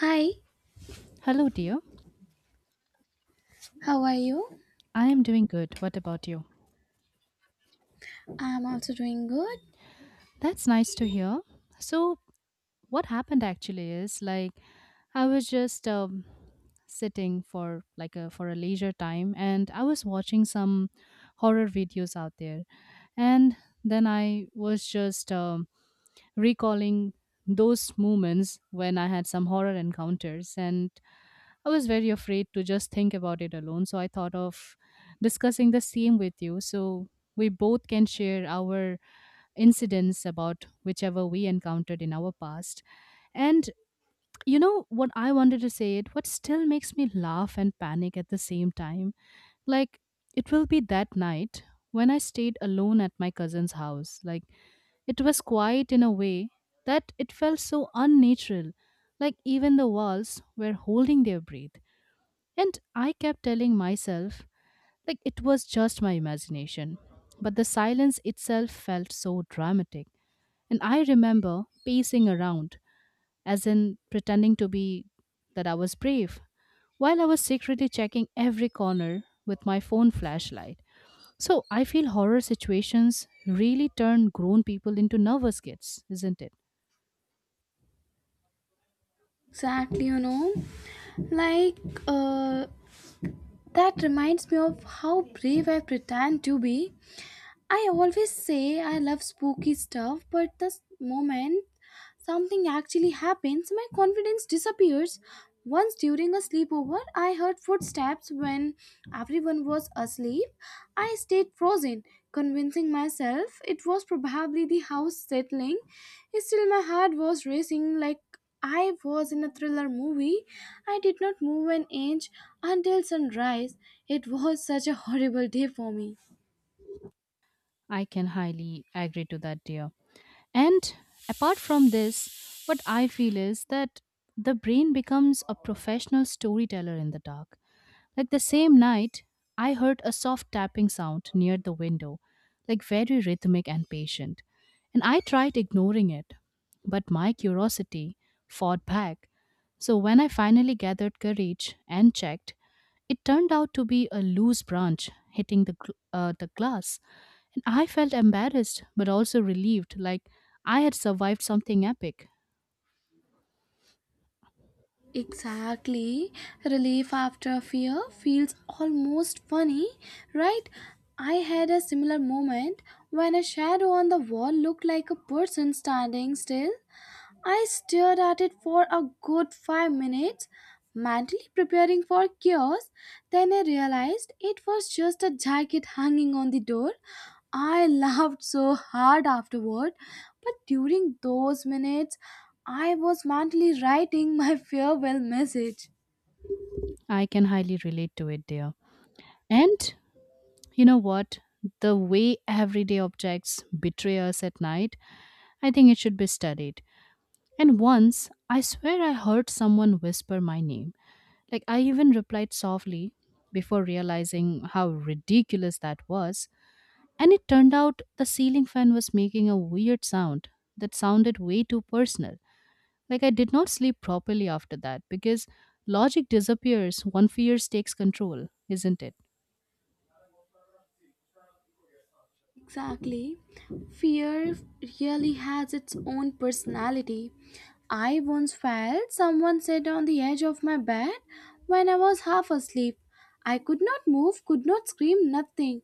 Hi, Hello, dear. how are you? I am doing good. What about you? I'm also doing good. That's nice to hear. So, what happened actually is like I was just sitting for like a leisure time, and I was watching some horror videos out there, and then I was just recalling those moments when I had some horror encounters, and I was very afraid to just think about it alone. So I thought of discussing the same with you. So we both can share our incidents about whichever we encountered in our past and you know what I wanted to say it what still makes me laugh and panic at the same time like it will be that night when I stayed alone at my cousin's house, like it was quiet in a way that it felt so unnatural, like even the walls were holding their breath, and I kept telling myself like it was just my imagination, but the silence itself felt so dramatic. And I remember pacing around, as in pretending to be that I was brave, while I was secretly checking every corner with my phone flashlight. So I feel horror situations really turn grown people into nervous kids, isn't it? Exactly, you know. Like, uh, that reminds me of how brave I pretend to be. I always say I love spooky stuff, but the moment something actually happens, my confidence disappears. Once during a sleepover, I heard footsteps when everyone was asleep. I stayed frozen, convincing myself it was probably the house settling. Still, my heart was racing like I was in a thriller movie. I did not move an inch until sunrise. It was such a horrible day for me. I can highly agree to that, dear. And apart from this, what I feel is that the brain becomes a professional storyteller in the dark. Like the same night, I heard a soft tapping sound near the window, like very rhythmic and patient, and I tried ignoring it, but my curiosity fought back. So when I finally gathered courage and checked, it turned out to be a loose branch hitting the, the glass, and I felt embarrassed but also relieved, like I had survived something epic. Exactly. Relief after fear feels almost funny, right? I had a similar moment when a shadow on the wall looked like a person standing still, I stared at it for a good 5 minutes, mentally preparing for chaos. Then I realized it was just a jacket hanging on the door. I laughed so hard afterward, but during those minutes, I was mentally writing my farewell message. I can highly relate to it, dear. And you know what? The way everyday objects betray us at night, I think it should be studied. And once, I swear I heard someone whisper my name. Like, I even replied softly before realizing how ridiculous that was. And it turned out the ceiling fan was making a weird sound that sounded way too personal. Like, I did not sleep properly after that because logic disappears when fears takes control, isn't it? Exactly. Fear really has its own personality. I once felt someone sat on the edge of my bed when I was half asleep. I could not move, could not scream, nothing.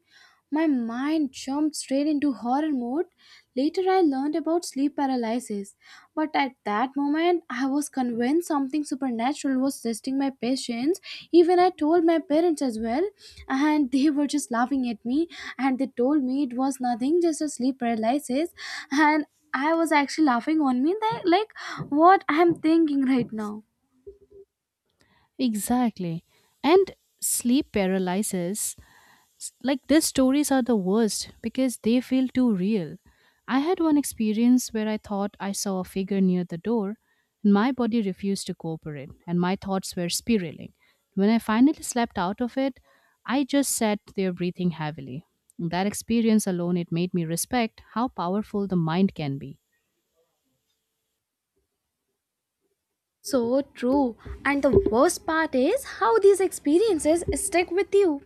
My mind jumped straight into horror mode. Later, I learned about sleep paralysis, but at that moment, I was convinced something supernatural was testing my patience. Even I told my parents as well, and they were just laughing at me, and they told me it was nothing, just a sleep paralysis, and I was actually laughing on me. They like what I'm thinking right now. Exactly. And sleep paralysis, like these stories are the worst because they feel too real. I had one experience where I thought I saw a figure near the door, and my body refused to cooperate, and my thoughts were spiraling. When I finally slept out of it, I just sat there breathing heavily. That experience alone, it made me respect how powerful the mind can be. So true. And the worst part is how these experiences stick with you.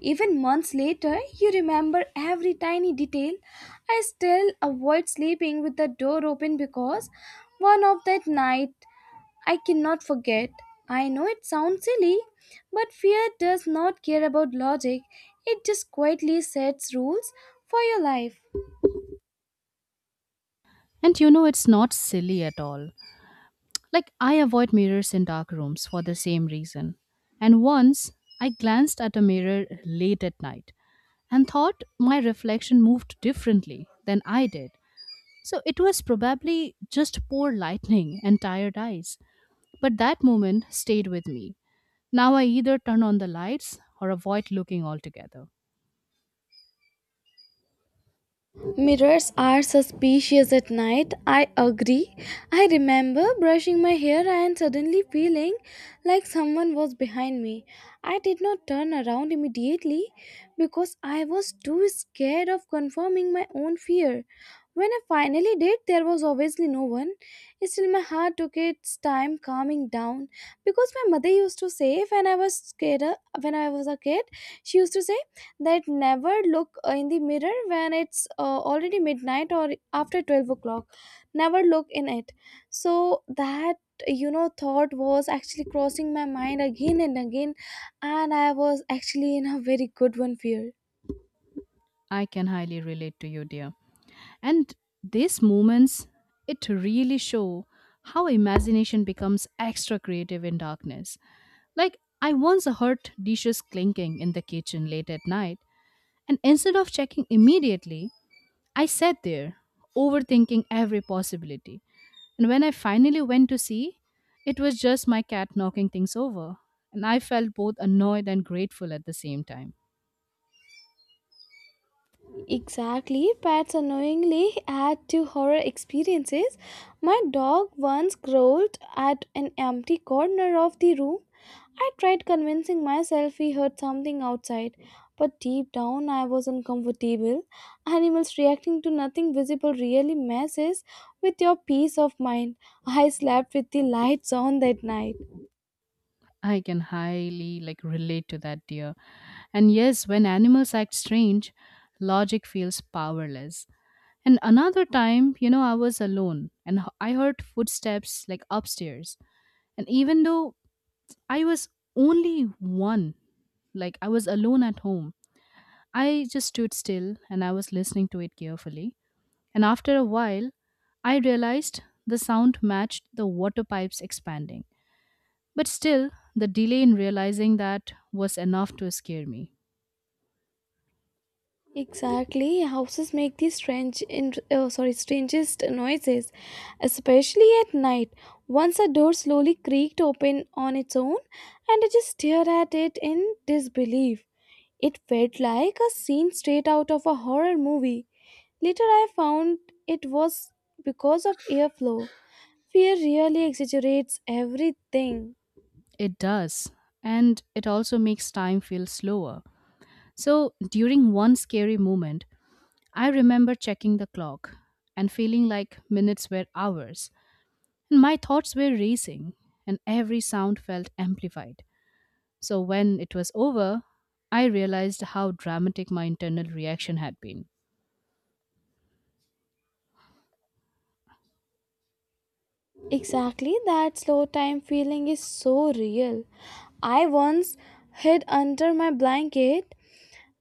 Even months later, you remember every tiny detail. I still avoid sleeping with the door open because one of that night I cannot forget. I know it sounds silly, but fear does not care about logic. It just quietly sets rules for your life. And you know, it's not silly at all. Like, I avoid mirrors in dark rooms for the same reason. And once I glanced at a mirror late at night and thought my reflection moved differently than I did. So it was probably just poor lightning and tired eyes. But that moment stayed with me. Now I either turn on the lights or avoid looking altogether. Mirrors are suspicious at night, I agree. I remember brushing my hair and suddenly feeling like someone was behind me. I did not turn around immediately because I was too scared of confirming my own fear. When I finally did, there was obviously no one. Still, my heart took its time calming down because my mother used to say, when I was scared, when I was a kid, she used to say, that never look in the mirror when it's already midnight or after 12 o'clock. Never look in it, so that thought was actually crossing my mind again and again. And I was actually in a very good one fear. I can highly relate to you, dear. And these moments, it really show how imagination becomes extra creative in darkness. Like, I once heard dishes clinking in the kitchen late at night, and instead of checking immediately, I sat there, overthinking every possibility. And when I finally went to see, it was just my cat knocking things over, and I felt both annoyed and grateful at the same time. Exactly, pets unknowingly add to horror experiences. My dog once growled at an empty corner of the room. I tried convincing myself he heard something outside, but deep down I was uncomfortable. Animals reacting to nothing visible really messes with your peace of mind. I slept with the lights on that night. I can highly like relate to that, dear. And yes, when animals act strange, logic feels powerless. And another time, you know, I was alone and I heard footsteps like upstairs. And even though I was only one, like I was alone at home, I just stood still and I was listening to it carefully. And after a while, I realized the sound matched the water pipes expanding. But still, the delay in realizing that was enough to scare me. Exactly, houses make the oh, sorry, strangest noises, especially at night. Once a door slowly creaked open on its own, and I just stared at it in disbelief. It felt like a scene straight out of a horror movie. Later, I found it was because of airflow. Fear really exaggerates everything. It does. And it also makes time feel slower. So during one scary moment, I remember checking the clock and feeling like minutes were hours. And my thoughts were racing, and every sound felt amplified. So when it was over, I realized how dramatic my internal reaction had been. Exactly, that slow time feeling is so real. I once hid under my blanket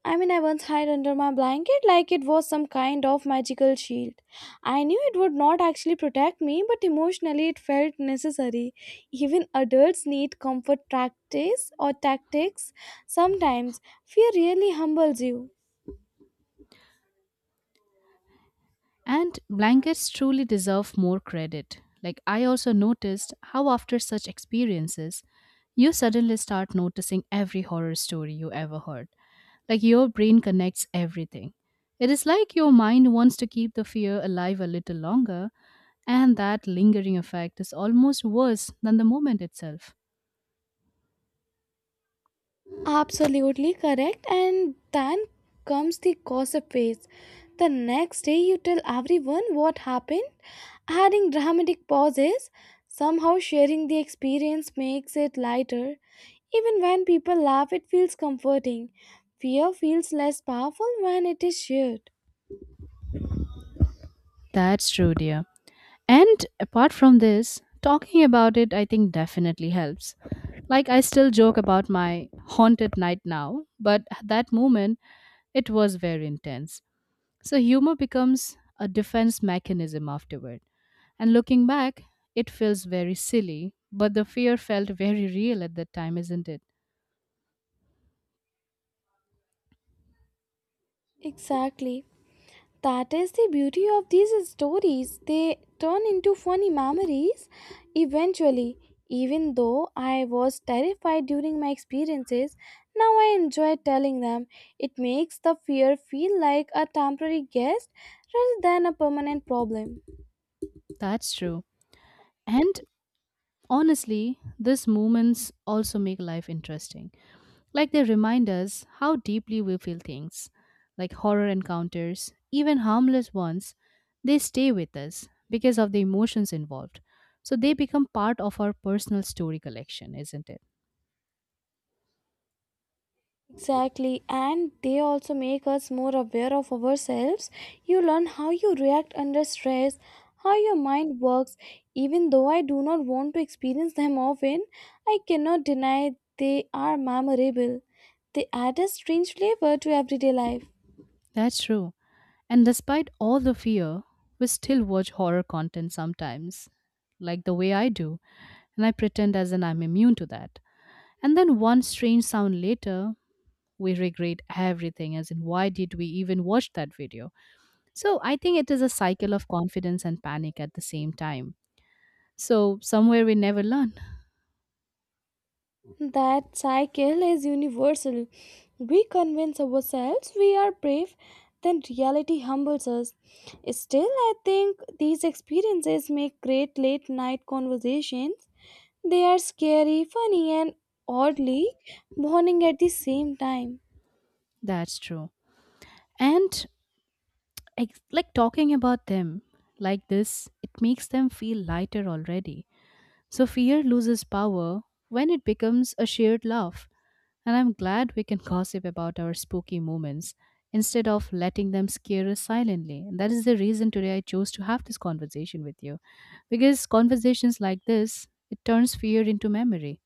I once hid under my blanket like it was some kind of magical shield. I knew it would not actually protect me, but emotionally it felt necessary. Even adults need comfort practice or tactics sometimes. Fear really humbles you. And blankets truly deserve more credit. Like, I also noticed how, after such experiences, you suddenly start noticing every horror story you ever heard. Like, your brain connects everything. It is like your mind wants to keep the fear alive a little longer, and that lingering effect is almost worse than the moment itself. Absolutely correct. And then comes the gossip phase. The next day, you tell everyone what happened, adding dramatic pauses. Somehow, sharing the experience makes it lighter. Even when people laugh, it feels comforting. Fear feels less powerful when it is shared. That's true, dear. And apart from this, talking about it, I think definitely helps. Like, I still joke about my haunted night now, but at that moment, it was very intense. So, humor becomes a defense mechanism afterward. And looking back, it feels very silly, but the fear felt very real at that time, isn't it? Exactly. That is the beauty of these stories. They turn into funny memories eventually. Even though I was terrified during my experiences, now I enjoy telling them. It makes the fear feel like a temporary guest rather than a permanent problem. That's true. And honestly, these moments also make life interesting. Like they remind us how deeply we feel things, like horror encounters, even harmless ones, they stay with us because of the emotions involved. So they become part of our personal story collection, isn't it? Exactly, and they also make us more aware of ourselves. You learn how you react under stress, how your mind works. Even though I do not want to experience them often, I cannot deny they are memorable. They add a strange flavor to everyday life. That's true. And despite all the fear, we still watch horror content sometimes, like the way I do, and I pretend as in I'm immune to that. And then one strange sound later, we regret everything, as in, why did we even watch that video? So I think it is a cycle of confidence and panic at the same time. So somewhere we never learn. That cycle is universal. We convince ourselves we are brave, then reality humbles us. Still, I think these experiences make great late night conversations. They are scary, funny, and oddly warning at the same time. That's true. And like talking about them like this, it makes them feel lighter already. So fear loses power when it becomes a shared laugh. And I'm glad we can gossip about our spooky moments instead of letting them scare us silently. And that is the reason today I chose to have this conversation with you because conversations like this, it turns fear into memory.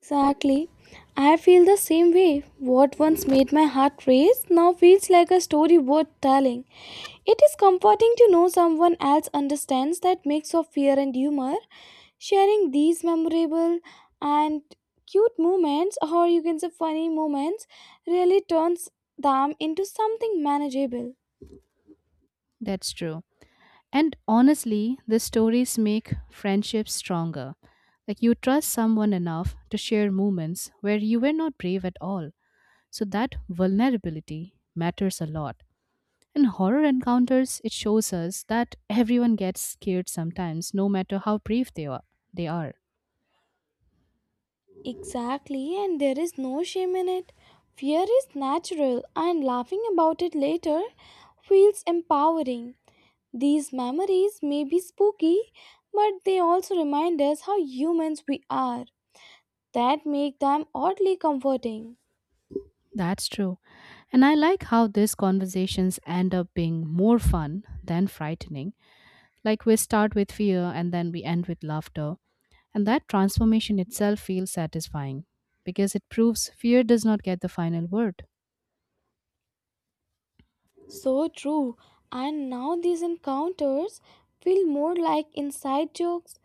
Exactly. I feel the same way. What once made my heart race now feels like a story worth telling. It is comforting to know someone else understands that mix of fear and humor. Sharing these memorable and cute moments, or you can say funny moments, really turns them into something manageable. That's true. And honestly, the stories make friendships stronger. Like you trust someone enough to share moments where you were not brave at all. So that vulnerability matters a lot. In horror encounters, it shows us that everyone gets scared sometimes, no matter how brave they are. They are. Exactly, and there is no shame in it. Fear is natural, and laughing about it later feels empowering. These memories may be spooky, but they also remind us how humans we are. That make them oddly comforting. That's true. And I like how these conversations end up being more fun than frightening. Like we start with fear and then we end with laughter. And that transformation itself feels satisfying because it proves fear does not get the final word. So true. And now these encounters feel more like inside jokes.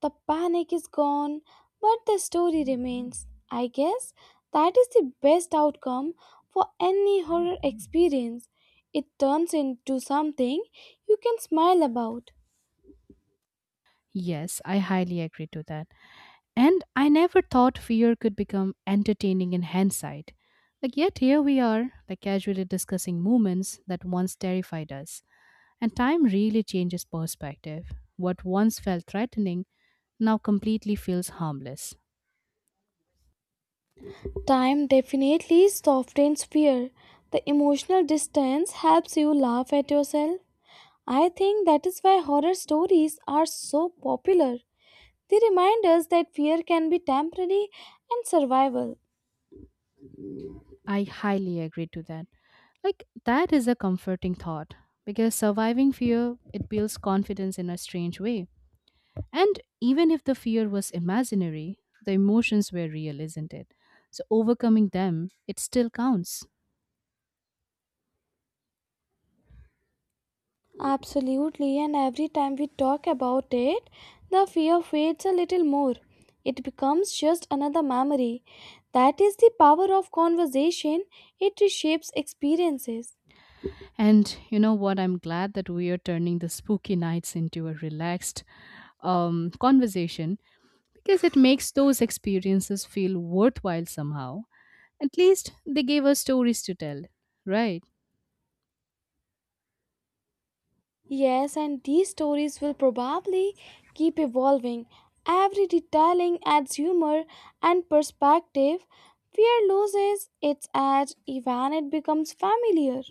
The panic is gone, but the story remains. I guess that is the best outcome for any horror experience. It turns into something you can smile about. Yes, I highly agree to that. And I never thought fear could become entertaining in hindsight. Like, yet here we are, like casually discussing moments that once terrified us. And time really changes perspective. What once felt threatening now completely feels harmless. Time definitely softens fear. The emotional distance helps you laugh at yourself. I think that is why horror stories are so popular. They remind us that fear can be temporary and survival. I highly agree to that. Like that is a comforting thought because surviving fear it builds confidence in a strange way. And even if the fear was imaginary, the emotions were real, isn't it? So overcoming them, it still counts. Absolutely, and every time we talk about it, the fear fades a little more. It becomes just another memory. That is the power of conversation, it reshapes experiences. And you know what? I'm glad that we are turning the spooky nights into a relaxed conversation because it makes those experiences feel worthwhile somehow. At least they gave us stories to tell, right? Yes, and these stories will probably keep evolving. Every retelling adds humor and perspective. Fear loses its edge, even it becomes familiar.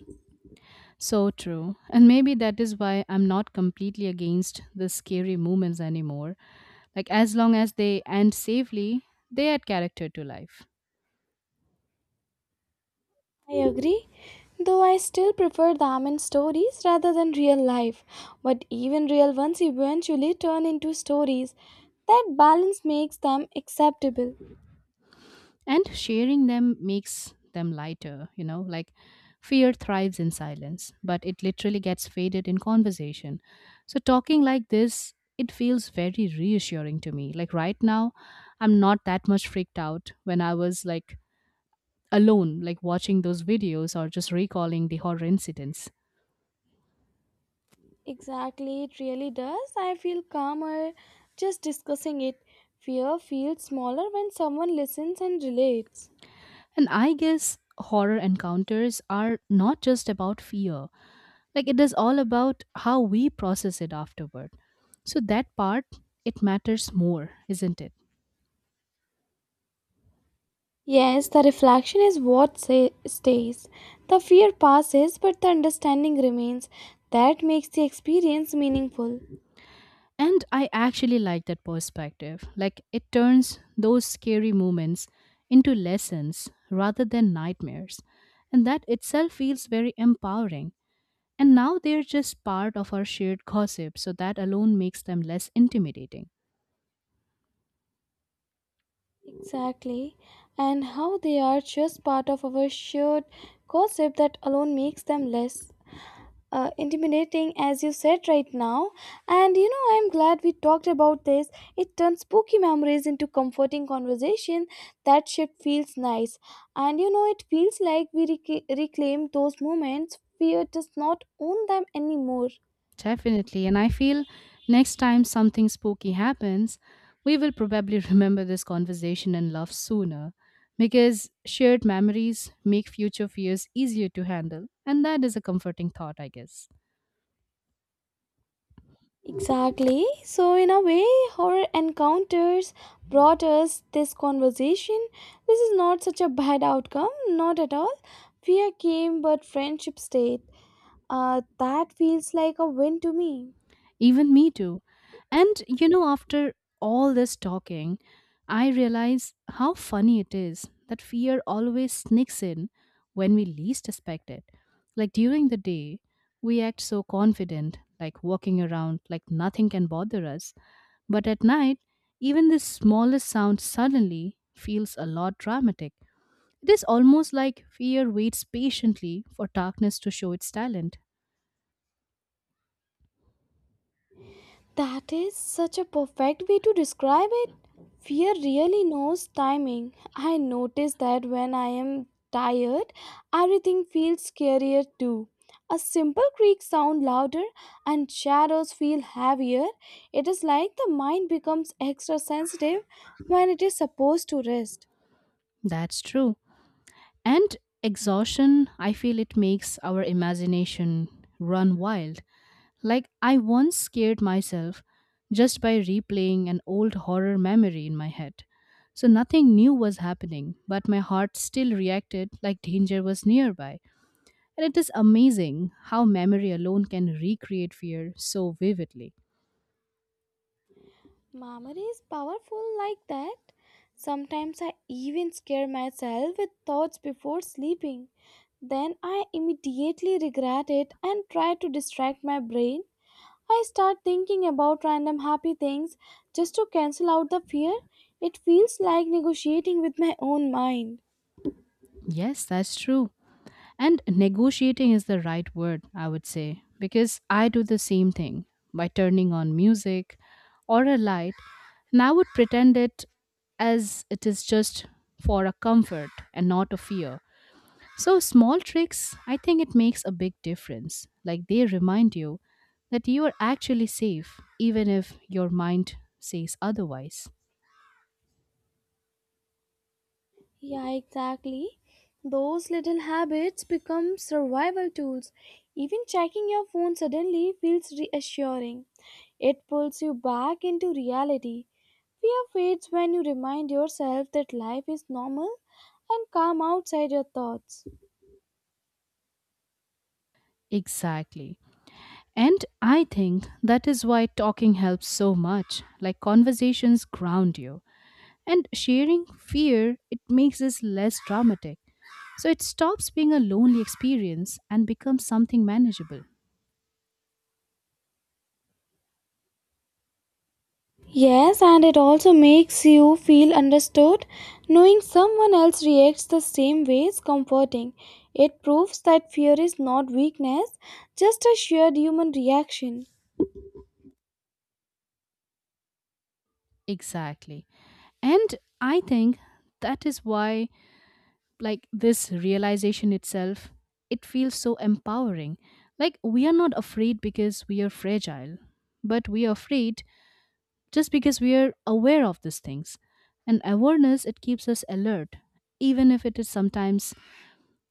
So true. And maybe that is why I'm not completely against the scary moments anymore. Like, as long as they end safely, they add character to life. I agree, though I still prefer them in stories rather than real life. But even real ones eventually turn into stories. That balance makes them acceptable. And sharing them makes them lighter, you know? Like, fear thrives in silence, but it literally gets faded in conversation. So, talking like this, it feels very reassuring to me. Like, right now, I'm not that much freaked out when I was like alone, like watching those videos or just recalling the horror incidents. Exactly, it really does. I feel calmer just discussing it. Fear feels smaller when someone listens and relates. And I guess horror encounters are not just about fear, like it is all about how we process it afterward. So that part, it matters more, isn't it? Yes, the reflection is what stays. The fear passes, but the understanding remains. That makes the experience meaningful. And I actually like that perspective. Like it turns those scary moments into lessons rather than nightmares. And that itself feels very empowering. And now they're just part of our shared gossip, so that alone makes them less intimidating. Exactly. And how they are just part of our shared gossip that alone makes them less intimidating, as you said right now. And I'm glad we talked about this. It turns spooky memories into comforting conversation. That shit feels nice. And it feels like we reclaim those moments. Fear does not own them anymore. Definitely. And I feel next time something spooky happens, we will probably remember this conversation and laugh sooner because shared memories make future fears easier to handle. And that is a comforting thought, I guess. Exactly. So, in a way, horror encounters brought us this conversation. This is not such a bad outcome, not at all. Fear came, but friendship stayed. That feels like a win to me. Even me too. And you know, after all this talking, I realize how funny it is that fear always sneaks in when we least expect it. Like during the day, we act so confident, like walking around like nothing can bother us. But at night, even the smallest sound suddenly feels a lot dramatic. It is almost like fear waits patiently for darkness to show its talent. That is such a perfect way to describe it. Fear really knows timing. I notice that when I am tired, everything feels scarier too. A simple creak sounds louder and shadows feel heavier. It is like the mind becomes extra sensitive when it is supposed to rest. That's true. And exhaustion, I feel it makes our imagination run wild. Like, I once scared myself just by replaying an old horror memory in my head. So, nothing new was happening, but my heart still reacted like danger was nearby. And it is amazing how memory alone can recreate fear so vividly. Memory is powerful like that. Sometimes I even scare myself with thoughts before sleeping. Then I immediately regret it and try to distract my brain. I start thinking about random happy things just to cancel out the fear. It feels like negotiating with my own mind. Yes, that's true. And negotiating is the right word, I would say, because I do the same thing by turning on music or a light, and I would pretend it as it is just for a comfort and not a fear. So, small tricks, I think it makes a big difference. Like they remind you that you are actually safe, even if your mind says otherwise. Yeah, exactly. Those little habits become survival tools. Even checking your phone suddenly feels reassuring. It pulls you back into reality. Fear fades when you remind yourself that life is normal and calm outside your thoughts. Exactly. And I think that is why talking helps so much. Like conversations ground you. And sharing fear, it makes us less dramatic. So it stops being a lonely experience and becomes something manageable. Yes, and it also makes you feel understood. Knowing someone else reacts the same way is comforting. It proves that fear is not weakness, just a shared human reaction. Exactly. And I think that is why, like, this realization itself, it feels so empowering. Like we are not afraid because we are fragile, but we are afraid just because we are aware of these things, and awareness, it keeps us alert, even if it is sometimes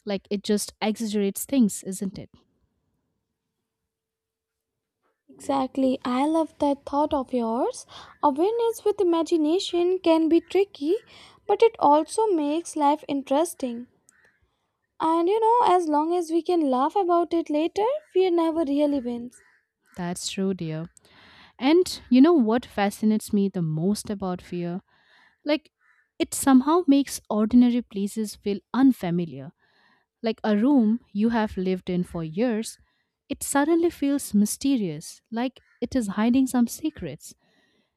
like it just exaggerates things, isn't it? Exactly. I love that thought of yours. Awareness with imagination can be tricky, but it also makes life interesting. And as long as we can laugh about it later, fear never really wins. That's true, dear. And you know what fascinates me the most about fear, like, it somehow makes ordinary places feel unfamiliar. Like a room you have lived in for years, it suddenly feels mysterious, like it is hiding some secrets.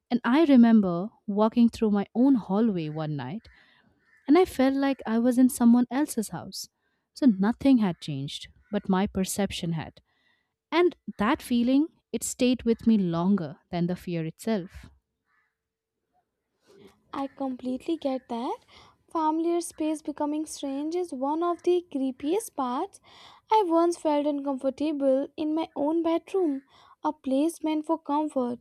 And I remember walking through my own hallway one night, and I felt like I was in someone else's house. So nothing had changed, but my perception had. And that feeling, it stayed with me longer than the fear itself. I completely get that. Familiar space becoming strange is one of the creepiest parts. I once felt uncomfortable in my own bedroom, a place meant for comfort.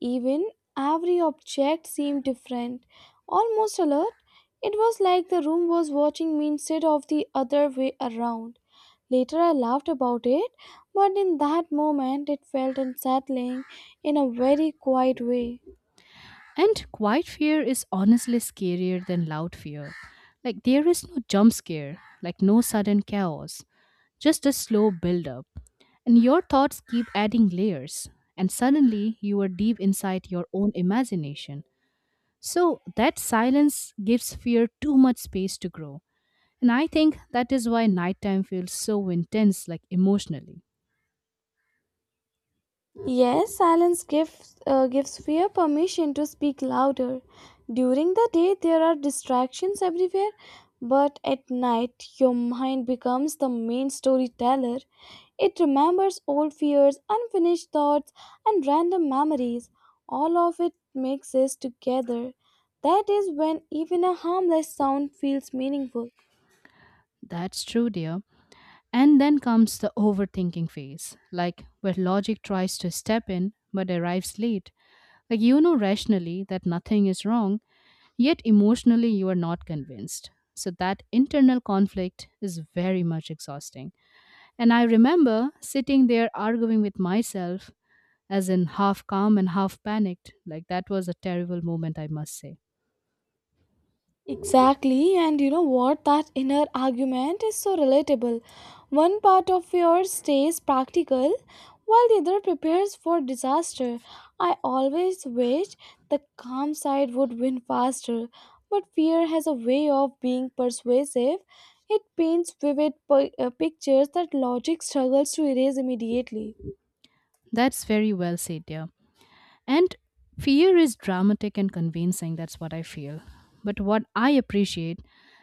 Even every object seemed different, almost alert. It was like the room was watching me instead of the other way around. Later, I laughed about it, but in that moment, it felt unsettling in a very quiet way. And quiet fear is honestly scarier than loud fear. Like there is no jump scare, like no sudden chaos, just a slow build up. And your thoughts keep adding layers, and suddenly you are deep inside your own imagination. So that silence gives fear too much space to grow. And I think that is why nighttime feels so intense, like emotionally. Yes, silence gives fear permission to speak louder. During the day, there are distractions everywhere, but at night, your mind becomes the main storyteller. It remembers old fears, unfinished thoughts, and random memories. All of it mixes together. That is when even a harmless sound feels meaningful. That's true, dear. And then comes the overthinking phase, like where logic tries to step in but arrives late. Like you know rationally that nothing is wrong, yet emotionally you are not convinced. So that internal conflict is very much exhausting. And I remember sitting there arguing with myself, as in half calm and half panicked. Like that was a terrible moment, I must say. Exactly, and you know what? That inner argument is so relatable. One part of yours stays practical, while the other prepares for disaster. I always wish the calm side would win faster, but fear has a way of being persuasive. It paints vivid pictures that logic struggles to erase immediately. That's very well said, dear. And fear is dramatic and convincing, that's what I feel. But what I appreciate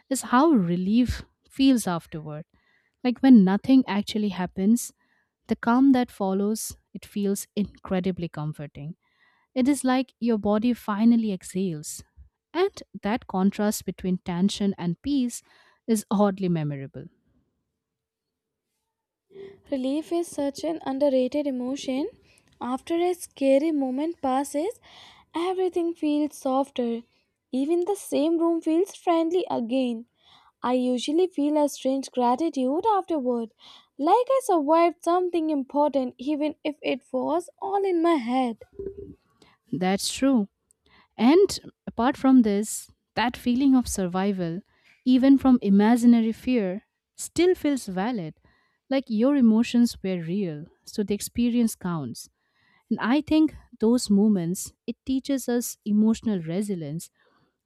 is how relief feels afterward. Like when nothing actually happens, the calm that follows, it feels incredibly comforting. It is like your body finally exhales. And that contrast between tension and peace is oddly memorable. Relief is such an underrated emotion. After a scary moment passes, everything feels softer. Even the same room feels friendly again. I usually feel a strange gratitude afterward, like I survived something important, even if it was all in my head. That's true. And apart from this, that feeling of survival, even from imaginary fear, still feels valid. Like your emotions were real, so the experience counts. And I think those moments, it teaches us emotional resilience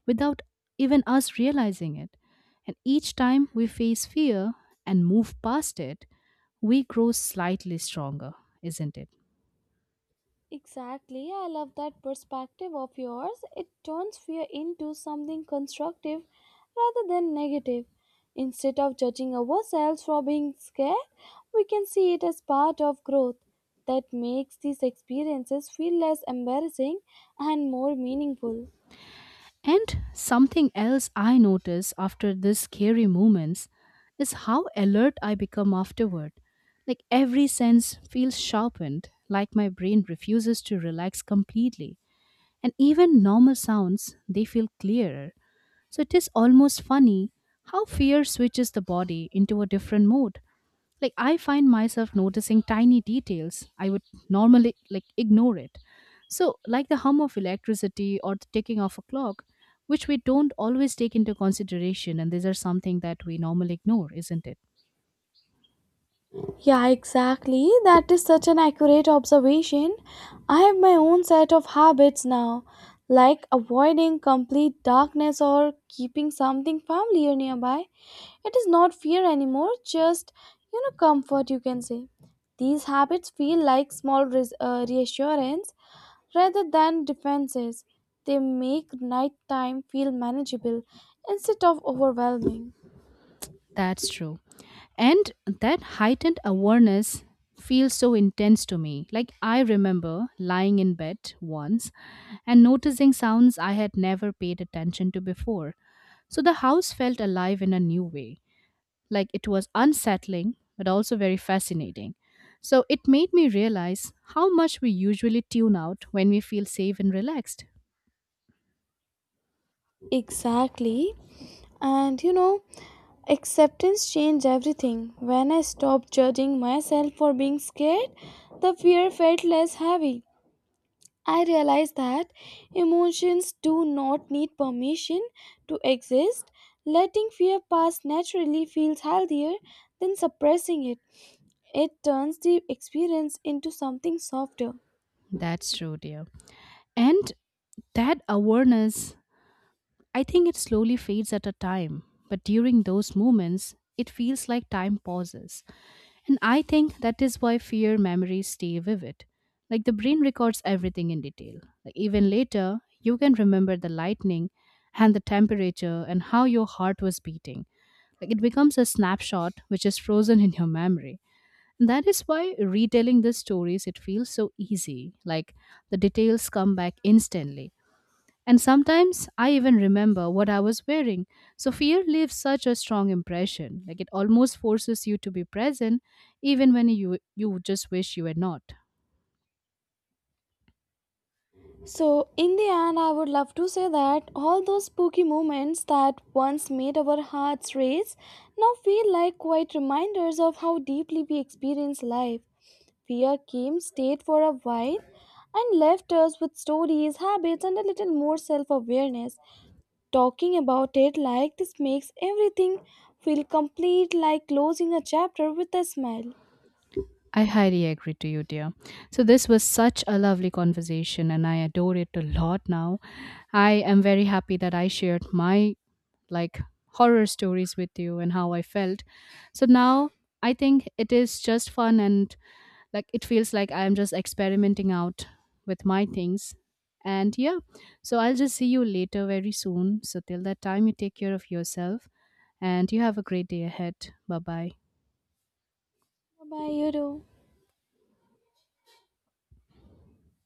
without even us realizing it. And each time we face fear and move past it, we grow slightly stronger, isn't it? Exactly, I love that perspective of yours. It turns fear into something constructive rather than negative. Instead of judging ourselves for being scared, we can see it as part of growth. That makes these experiences feel less embarrassing and more meaningful. And something else I notice after these scary moments is how alert I become afterward. Like every sense feels sharpened, like my brain refuses to relax completely. And even normal sounds, they feel clearer. So it is almost funny how fear switches the body into a different mode. Like I find myself noticing tiny details I would normally like ignore it. So, like the hum of electricity or the ticking of a clock, which we don't always take into consideration, and these are something that we normally ignore, isn't it? Yeah, exactly. That is such an accurate observation. I have my own set of habits now, like avoiding complete darkness or keeping something familiar nearby. It is not fear anymore, just, comfort, you can say. These habits feel like small reassurance rather than defenses. They make nighttime feel manageable instead of overwhelming. That's true. And that heightened awareness feels so intense to me. Like I remember lying in bed once and noticing sounds I had never paid attention to before. So the house felt alive in a new way. Like it was unsettling, but also very fascinating. So it made me realize how much we usually tune out when we feel safe and relaxed. Exactly. And acceptance changed everything. When I stopped judging myself for being scared, the fear felt less heavy. I realize that emotions do not need permission to exist. Letting fear pass naturally feels healthier than suppressing it. It turns the experience into something softer. That's true, dear. And that awareness, I think it slowly fades at a time. But during those moments, it feels like time pauses. And I think that is why fear memories stay vivid. Like the brain records everything in detail. Like even later, you can remember the lightning and the temperature and how your heart was beating. Like it becomes a snapshot which is frozen in your memory. That is why retelling these stories, it feels so easy. Like the details come back instantly. And sometimes I even remember what I was wearing. So fear leaves such a strong impression. Like it almost forces you to be present even when you just wish you were not. So, in the end, I would love to say that all those spooky moments that once made our hearts race now feel like quite reminders of how deeply we experience life. Fear came, stayed for a while, and left us with stories, habits, and a little more self awareness. Talking about it like this makes everything feel complete, like closing a chapter with a smile. I highly agree to you, dear. So this was such a lovely conversation and I adore it a lot now. I am very happy that I shared my, like, horror stories with you and how I felt. So now I think it is just fun and like it feels like I'm just experimenting out with my things. And yeah, so I'll just see you later very soon. So till that time, you take care of yourself and you have a great day ahead. Bye bye. Bye, you do.